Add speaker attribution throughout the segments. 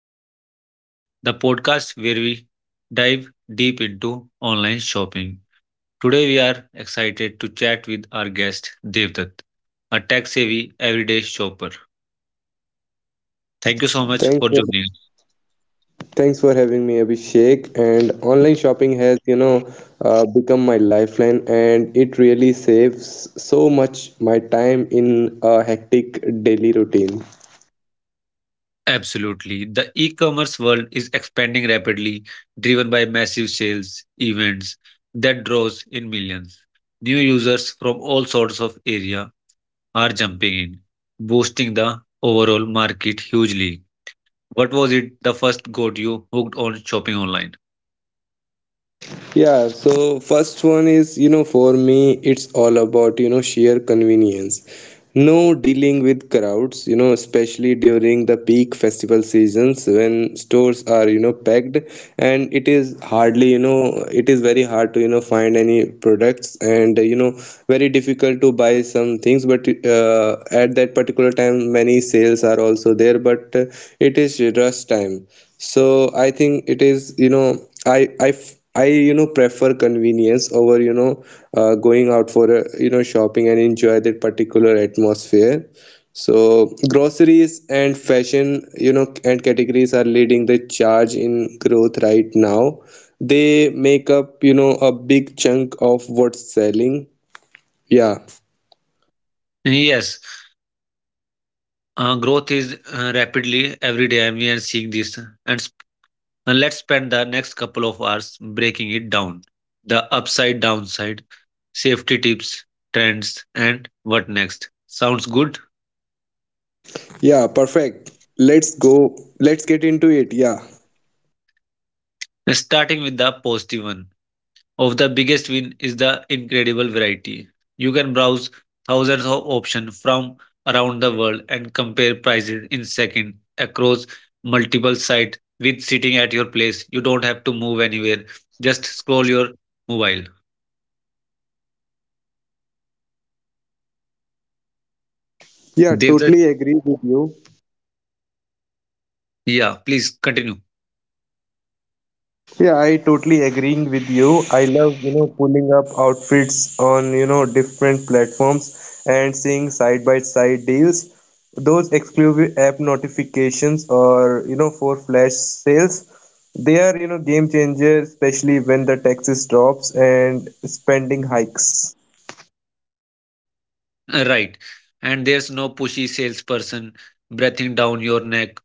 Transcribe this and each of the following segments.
Speaker 1: to Shop Smart, the podcast where we dive deep into online shopping. Today we are excited to chat with our guest Devdutt, a tech-savvy everyday shopper. Thank you so much
Speaker 2: Thanks
Speaker 1: for
Speaker 2: for,
Speaker 1: joining us.
Speaker 2: thanks for having me, Abhishek. And online shopping has, you know, become my lifeline, and it really saves so much my time in a hectic daily routine.
Speaker 1: Absolutely. The e-commerce world is expanding rapidly, driven by massive sales events that draws in millions. New users from all sorts of area are jumping in, boosting the overall market hugely. What was it the first got you hooked on shopping online?
Speaker 2: Yeah, so first one is, you know, for me, it's all about, you know, sheer convenience. No dealing with crowds, you know, especially during the peak festival seasons when stores are, you know, packed, and it is hardly, you know, it is very hard to, you know, find any products and, you know, very difficult to buy some things. But at that particular time, many sales are also there, but it is rush time. So I think it is, you know, I, you know, prefer convenience over, you know, going out for a, you know, shopping and enjoy that particular atmosphere. So groceries and fashion, you know, and categories are leading the charge in growth right now. They make up, you know, a big chunk of what's selling. Yeah,
Speaker 1: Yes, growth is rapidly every day, and we are seeing this. And sp- let's spend the next couple of hours breaking it down, the upside, downside, safety tips, trends, and what next. Sounds good?
Speaker 2: yeah, perfect. Let's go. Let's get into it. Yeah.
Speaker 1: Starting with the positive, one of the biggest win is the incredible variety. You can browse thousands of options from around the world and compare prices in seconds across multiple sites with sitting at your place. You don't have to move anywhere. Just scroll your mobile.
Speaker 2: Yeah,
Speaker 1: Devdas,
Speaker 2: totally agree with you.
Speaker 1: yeah, please continue.
Speaker 2: Yeah, I totally agreeing with you. I love, you know, pulling up outfits on, you know, different platforms and seeing side by side deals. Those exclusive app notifications or, you know, for flash sales, they are, you know, game changer, especially when the taxes drops and spending hikes.
Speaker 1: Right. And there's no pushy salesperson breathing down your neck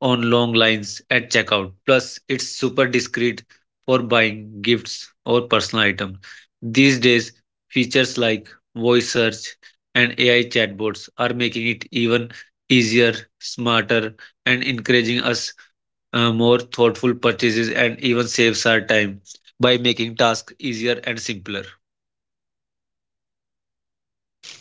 Speaker 1: on long lines at checkout. Plus, it's super discreet for buying gifts or personal items. These days, features like voice search and AI chatbots are making it even easier, smarter, and encouraging us more thoughtful purchases and even saves our time by making tasks easier and simpler.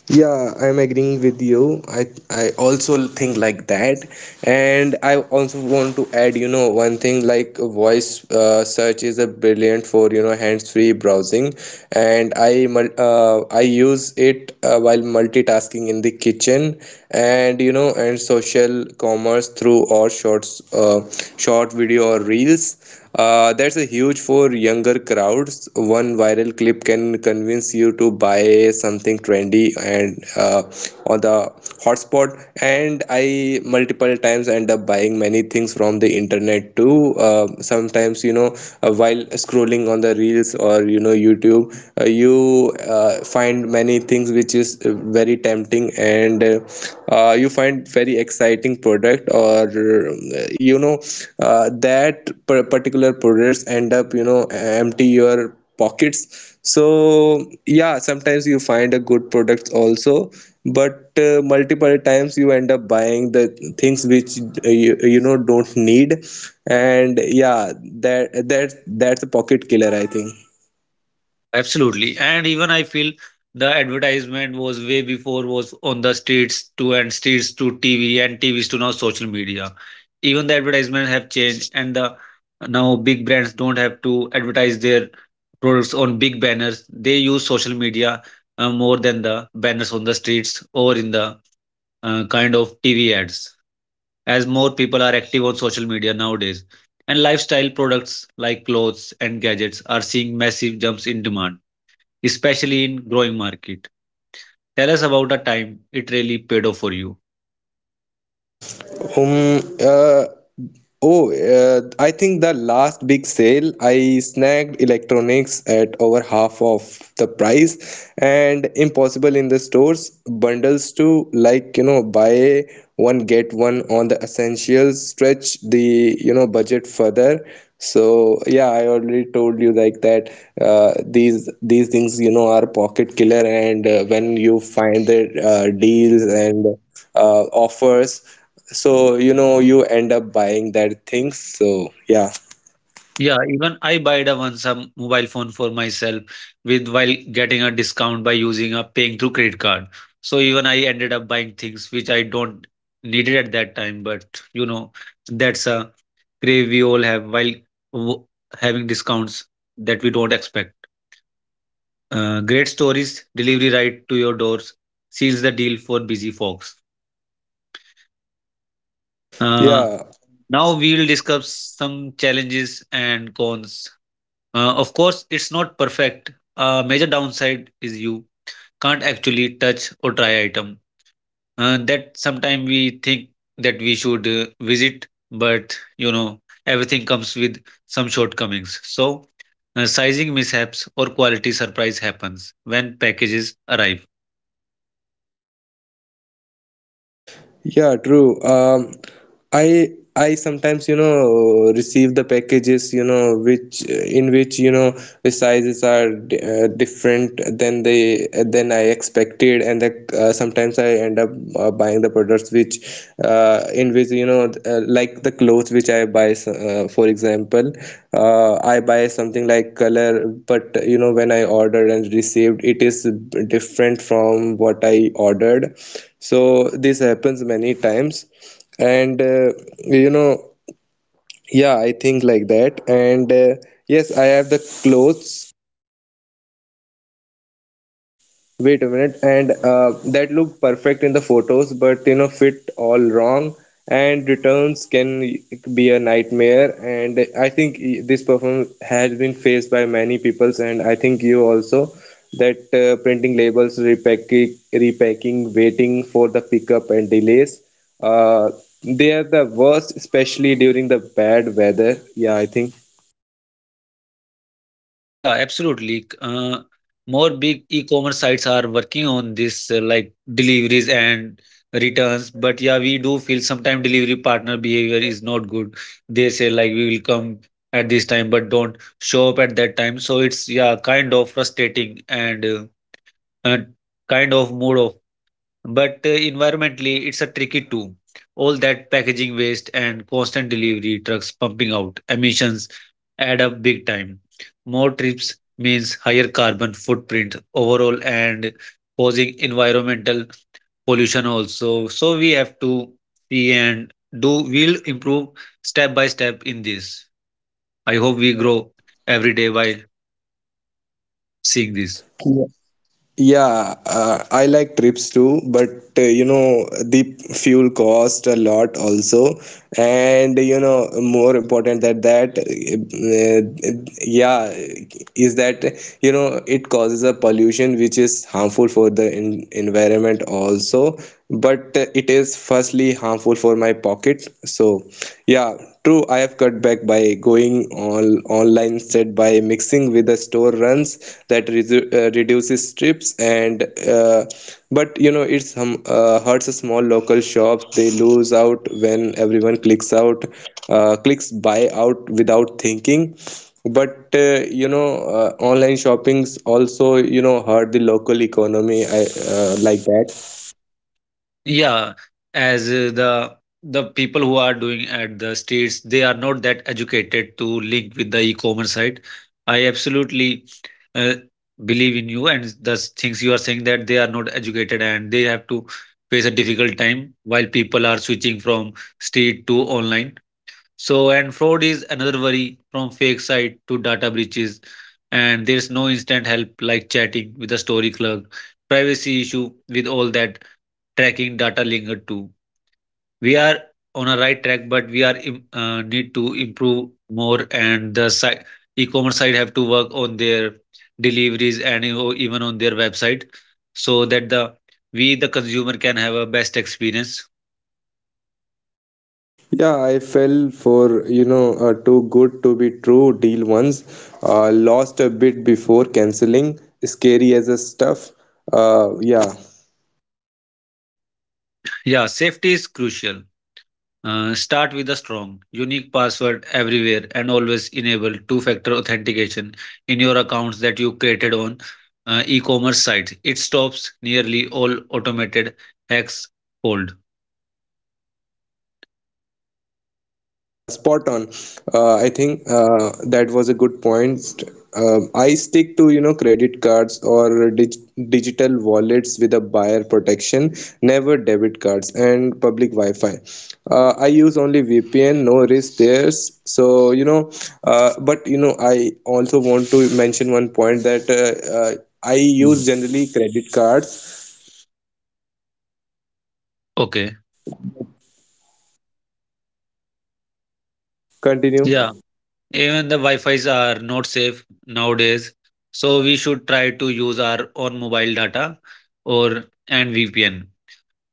Speaker 2: Yeah, I'm agreeing with you. I also think like that, and I also want to add, you know, one thing like voice search is a brilliant for, you know, hands-free browsing, and I use it while multitasking in the kitchen, and you know, and social commerce through or shorts, short video or reels. That's a huge for younger crowds. One viral clip can convince you to buy something trendy and uh, on the hotspot. And I multiple times end up buying many things from the internet too. Sometimes, you know, while scrolling on the reels or, you know, YouTube, you find many things which is very tempting. And. You find very exciting product or, you know, particular products end up, you know, empty your pockets. So yeah, sometimes you find a good product also, but multiple times you end up buying the things which you, you know, don't need. And yeah, that's a pocket killer, I think.
Speaker 1: Yeah, absolutely. And even I feel the advertisement was way before was on the streets to and streets to TV and TVs to now social media. Even the advertisement have changed and the now big brands don't have to advertise their products on big banners. They use social media more than the banners on the streets or in the kind of TV ads, as more people are active on social media nowadays. And lifestyle products like clothes and gadgets are seeing massive jumps in demand, especially in growing market. Tell us about a time it really paid off for you.
Speaker 2: um uh, Oh, I think the last big sale I snagged electronics at over half of the price and impossible in the stores, bundles too, like you know, buy one get one on the essentials, stretch the, you know, budget further. So yeah, I already told you like that, these things, you know, are pocket killer, and when you find the deals and offers, so you know, you end up buying that thing. So yeah,
Speaker 1: Yeah, even I bought a once some mobile phone for myself with while getting a discount by using a paying through credit card. So even I ended up buying things which I don't needed at that time, but you know that's a crave we all have while w- having discounts that we don't expect. Great stories, delivery right to your doors, seals the deal for busy folks. Uh,
Speaker 2: yeah.
Speaker 1: Now we'll discuss some challenges and cons. Of course, it's not perfect. A major downside is you can't actually touch or try item. That sometimes we think that we should visit, but you know everything comes with some shortcomings. So, sizing mishaps or quality surprise happens when packages arrive.
Speaker 2: Yeah, true. I I sometimes, you know, receive the packages, you know, which in which, you know, the sizes are different than they than I expected, and the, sometimes I end up buying the products which in which, you know, like the clothes which I buy. For example, I buy something like color, but you know, when I ordered and received, it is different from what I ordered. So this happens many times. And you know, yeah, I think like that. And yes, I have the clothes. Wait a minute, and that looked perfect in the photos, but you know, fit all wrong, and returns can be a nightmare. And I think this problem has been faced by many peoples, and I think you also, that printing labels, repacking, waiting for the pickup and delays. Uh, they are the worst, especially during the bad weather. Yeah, I think.
Speaker 1: Yeah, absolutely. More big e-commerce sites are working on this, like deliveries and returns. But yeah, we do feel sometimes delivery partner behavior is not good. They say like we will come at this time, but don't show up at that time. So it's, yeah, kind of frustrating and uh, kind of mood off. But environmentally, it's a tricky too. All that packaging waste and constant delivery trucks pumping out emissions add up big time. More trips means higher carbon footprint overall and causing environmental pollution also. So we have to see and do, we'll improve step by step in this. I hope we grow every day while seeing this.
Speaker 2: Yeah, I like trips too, but you know, the fuel cost a lot also, and you know, more important than that, yeah, is that, you know, it causes a pollution which is harmful for the en environment also, but it is firstly harmful for my pocket. So yeah, true, I have cut back by going all online instead by mixing with the store runs that reduces trips and uh, but you know, it's hurts small local shops. They lose out when everyone clicks buy out without thinking. But you know, online shoppings also, you know, hurt the local economy, I, like that.
Speaker 1: Yeah, as the people who are doing at the states, they are not that educated to link with the e-commerce site. I absolutely uh, believe in you and the things you are saying that they are not educated and they have to face a difficult time while people are switching from street to online. So, and fraud is another worry, from fake site to data breaches. And there's no instant help like chatting with a story clerk, privacy issue with all that tracking data linked to. We are on a right track, but we need to improve more. And the site, e-commerce site have to work on their deliveries and or even on their website, so that the we the consumer can have a best experience.
Speaker 2: Yeah, I fell for, you know, a too good to be true deal once, lost a bit before canceling. Scary as a stuff. Yeah.
Speaker 1: Yeah, safety is crucial. Start with a strong, unique password everywhere and always enable two factor authentication in your accounts that you created on e commerce sites. It stops nearly all automated hacks cold.
Speaker 2: Yeah, spot on. I think that was a good point. I stick to, you know, credit cards or digital wallets with a buyer protection, never debit cards and public Wi-Fi. I use only VPN, no risk there. So you know, but you know, I also want to mention one point that uh, I
Speaker 1: Mm.
Speaker 2: use generally credit cards.
Speaker 1: Okay.
Speaker 2: Continue.
Speaker 1: Yeah. Even the Wi Fi's are not safe nowadays. So we should try to use our own mobile data or and VPN.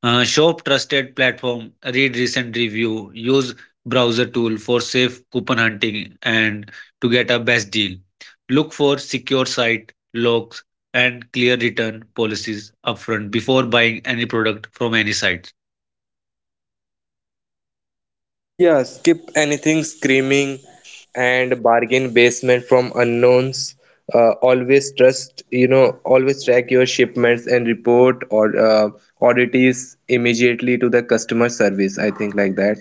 Speaker 1: Shop trusted platform, read recent review, use browser tool for safe coupon hunting and to get a best deal. Look for secure site logs and clear return policies upfront before buying any product from any site.
Speaker 2: Yeah, skip anything screaming and bargain basement from unknowns. Always trust, you know, always track your shipments and report or oddities immediately to the customer service. I think like that.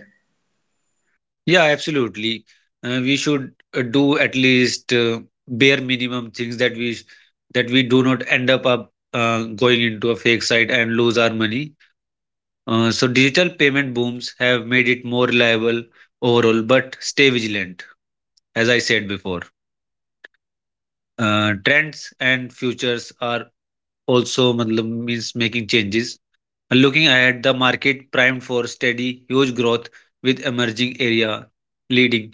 Speaker 1: Yeah, absolutely. We should do at least bare minimum things that we do not end up going into a fake site and lose our money. So digital payment booms have made it more reliable overall, but stay vigilant. As I said before, trends and futures are also matlab means making changes. And looking ahead, the market primed for steady, huge growth with emerging area leading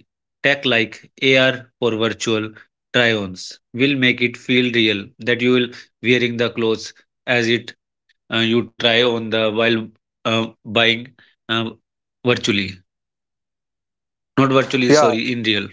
Speaker 1: tech like AR for virtual try-ons will make it feel real that you will wearing the clothes as it you try on the while buying uh, virtually, not virtually,
Speaker 2: Yeah,
Speaker 1: sorry, in real.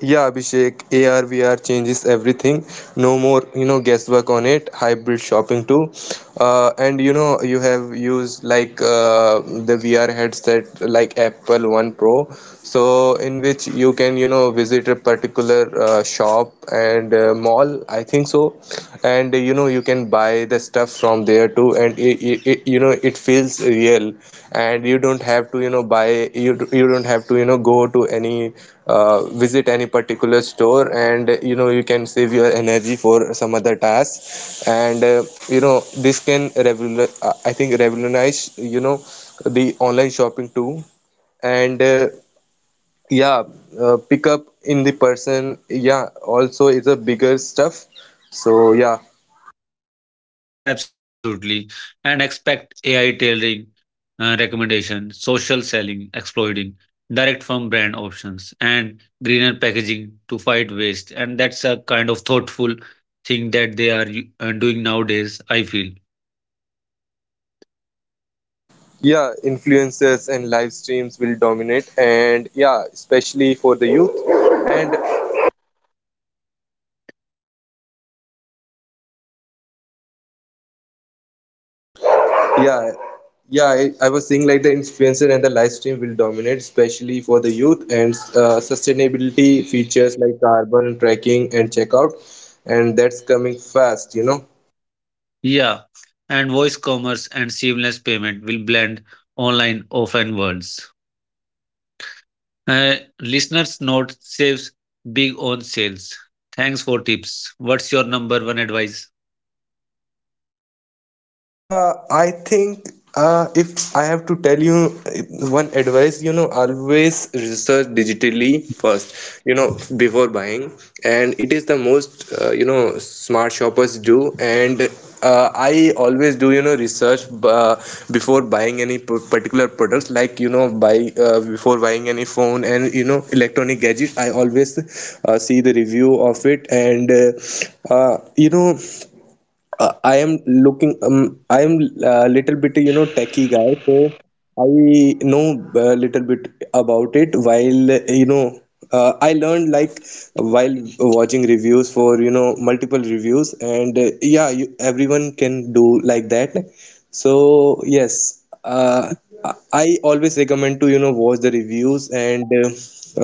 Speaker 2: yeah, Abhishek, AR VR changes everything. No more, you know, guesswork on it. Hybrid shopping too, and you know, you have used like the VR headset, like Apple One Pro, so in which you can, you know, visit a particular shop and mall, I think so, and you know, you can buy the stuff from there too, and you know, it feels real. And you don't have to, you know, you don't have to, you know, go to any, visit any particular store, and you know, you can save your energy for some other task. And you know, this can I think revolutionize, you know, the online shopping too. And yeah, pick up in the person, yeah, also is a bigger stuff. So yeah,
Speaker 1: Yeah, absolutely. And expect ai tailoring recommendation, social selling, exploiting, direct from brand options, and greener packaging to fight waste. And that's a kind of thoughtful thing that they are doing nowadays, I feel.
Speaker 2: yeah, influencers and live streams will dominate, and yeah, especially for the youth. And yeah, yeah, I was saying like the influencer and the live stream will dominate especially for the youth, and sustainability features like carbon tracking and checkout, and that's coming fast, you know.
Speaker 1: Yeah. And voice commerce and seamless payment will blend online, offline worlds. Listeners' note saves big on sales. Thanks for tips. What's your number one advice?
Speaker 2: I think if I have to tell you one advice, you know, always research digitally first, you know, before buying, and it is the most, you know, smart shoppers do. And I always do, you know, research before buying any particular products, like, you know, buy before buying any phone and, you know, electronic gadgets. I always see the review of it, and you know, I am looking, I am a little bit, you know, techie guy. So I know a little bit about it while, you know, I learned like while watching reviews for, you know, multiple reviews. And yeah, you, everyone can do like that. So yes, I always recommend to, you know, watch the reviews and uh,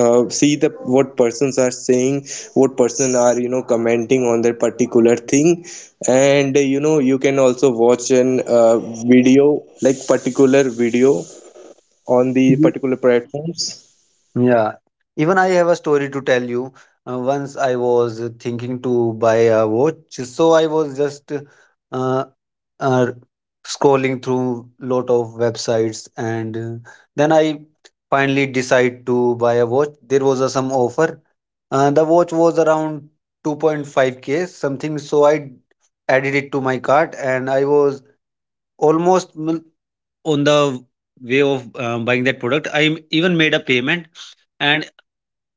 Speaker 2: uh, see the what persons are saying, what person are, you know, commenting on that particular thing, and you know, you can also watch an video, like particular video on the particular platforms.
Speaker 1: Yeah, even I have a story to tell you. Once I was thinking to buy a watch, so I was just uh, uh, scrolling through lot of websites, and then I finally decide to buy a watch. There was a, some offer. The watch was around 2.5k something, so I added it to my cart, and I was almost on the way of buying that product. I even made a payment and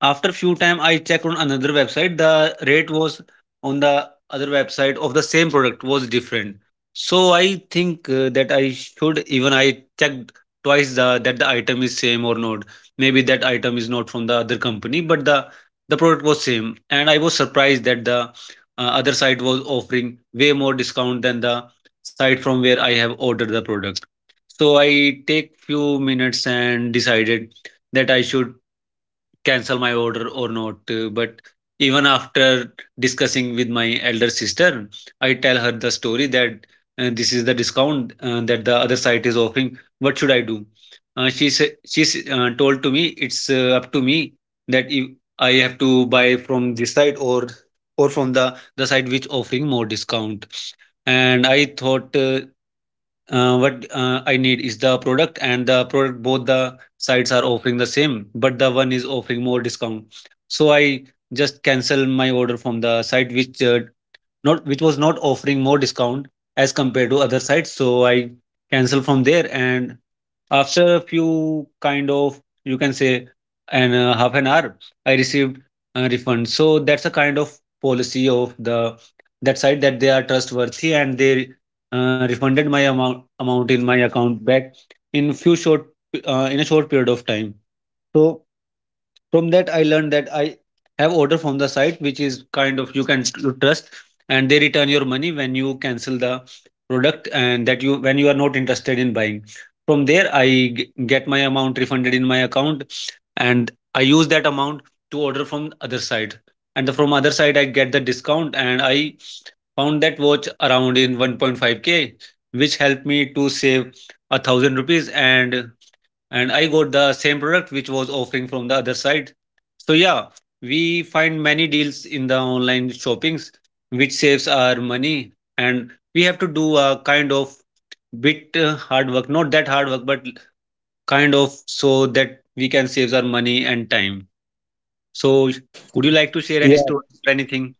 Speaker 1: after few time, I checked on another website. The rate was on the other website of the same product was different. So I think that I should, even I checked twice the, that the item is same or not. Maybe that item is not from the other company, but the product was same. And I was surprised that the other site was offering way more discount than the site from where I have ordered the product. So I take few minutes and decided that I should cancel my order or not. But even after discussing with my elder sister, I tell her the story that this is the discount that the other site is offering. What should I do? She said, she's told to me it's up to me that if I have to buy from this site or from the site which offering more discount. And I thought what I need is the product and the product both the sites are offering the same, but the one is offering more discount. So I just cancel my order from the site which not which was not offering more discount as compared to other sites. So I canceled from there, and after a few kind of you can say, and half an hour, I received a refund. So that's a kind of policy of the that site that they are trustworthy and they refunded my amount in my account back in few short, in a short period of time. So from that I learned that I have order from the site which is kind of you can trust, and they return your money when you cancel the product and that you when you are not interested in buying from there. I get my amount refunded in my account, and I use that amount to order from other side, and from other side I get the discount and I found that watch around in 1.5k, which helped me to save a 1,000 rupees, and I got the same product which was offering from the other side. So yeah, we find many deals in the online shoppings which saves our money and we have to do a kind of bit hard work, not that hard work, but kind of so that we can save our money and time. So would you like to share any
Speaker 2: Yeah,
Speaker 1: story or anything?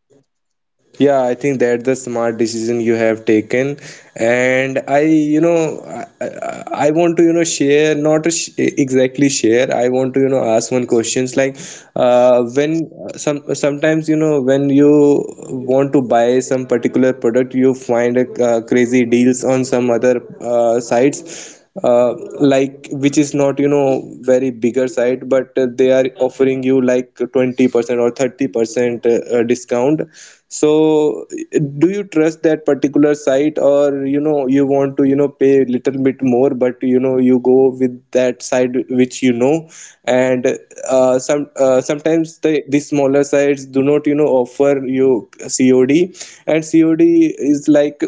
Speaker 2: yeah, I think that's the smart decision you have taken, and I, you know, I want to, you know, share, not to exactly share. I want to, you know, ask one questions like, when some sometimes, you know, when you want to buy some particular product, you find a, crazy deals on some other sites. Uh, like which is not, you know, very bigger site, but they are offering you like 20% or 30% discount. So do you trust that particular site, or you know, you want to, you know, pay a little bit more, but you know, you go with that site which you know. And sometimes the smaller sites do not, you know, offer you COD, and COD is like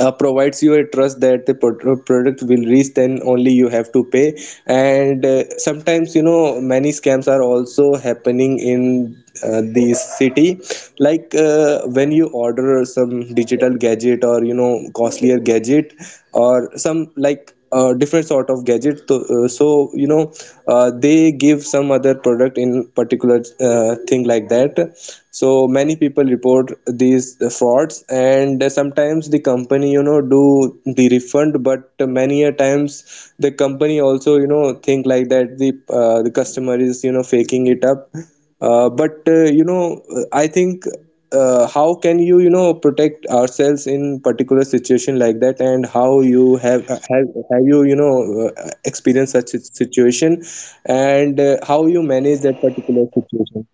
Speaker 2: provides you a trust that the product will reach, then only you have to pay. And sometimes, you know, many scams are also happening in the city, like when you order some digital gadget or, you know, costlier gadget or some, like, different sort of gadget to, so you know, they give some other product in particular, thing like that. So many people report these frauds, and sometimes the company, you know, do the refund, but many a times the company also, you know, think like that, the, the customer is, you know, faking it up. But you know, I think how can you, you know, protect ourselves in particular situation like that, and how you have you, you know, experienced such a situation, and how you manage that particular situation.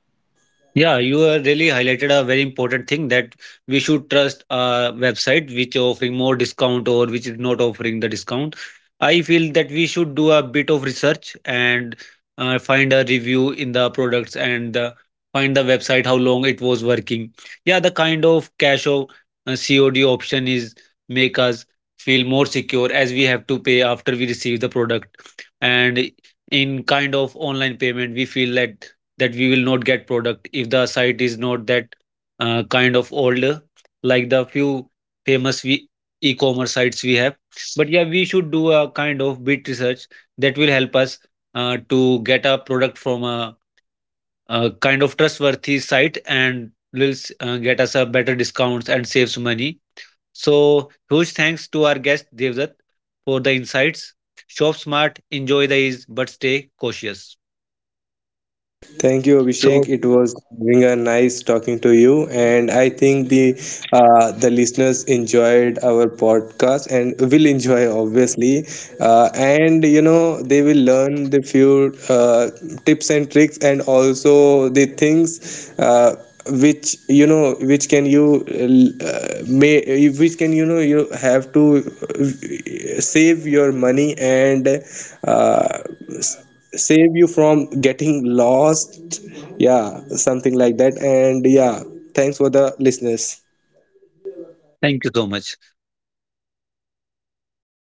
Speaker 1: Yeah, you really highlighted a very important thing that we should trust a website which offering more discount or which is not offering the discount. I feel that we should do a bit of research and find a review in the products and find the website how long it was working. Yeah, the kind of cash or COD option is make us feel more secure as we have to pay after we receive the product, and in kind of online payment we feel that that we will not get product if the site is not that kind of old, like the few famous we, e-commerce sites we have. But yeah, we should do a kind of bit research that will help us to get a product from a kind of trustworthy site and will get us a better discounts and saves money. So huge thanks to our guest Devdutt for the insights. Shop smart, enjoy the ease but stay cautious.
Speaker 2: Thank you,
Speaker 1: So
Speaker 2: Abhishek. It was being a nice talking to you, and I think the, the listeners enjoyed our podcast and will enjoy obviously, and you know, they will learn the few tips and tricks and also the things. Which you know, which can, you know, you have to save your money and uh, save you from getting lost. Yeah, something like that. And yeah, thanks for the listeners.
Speaker 1: thank you so much.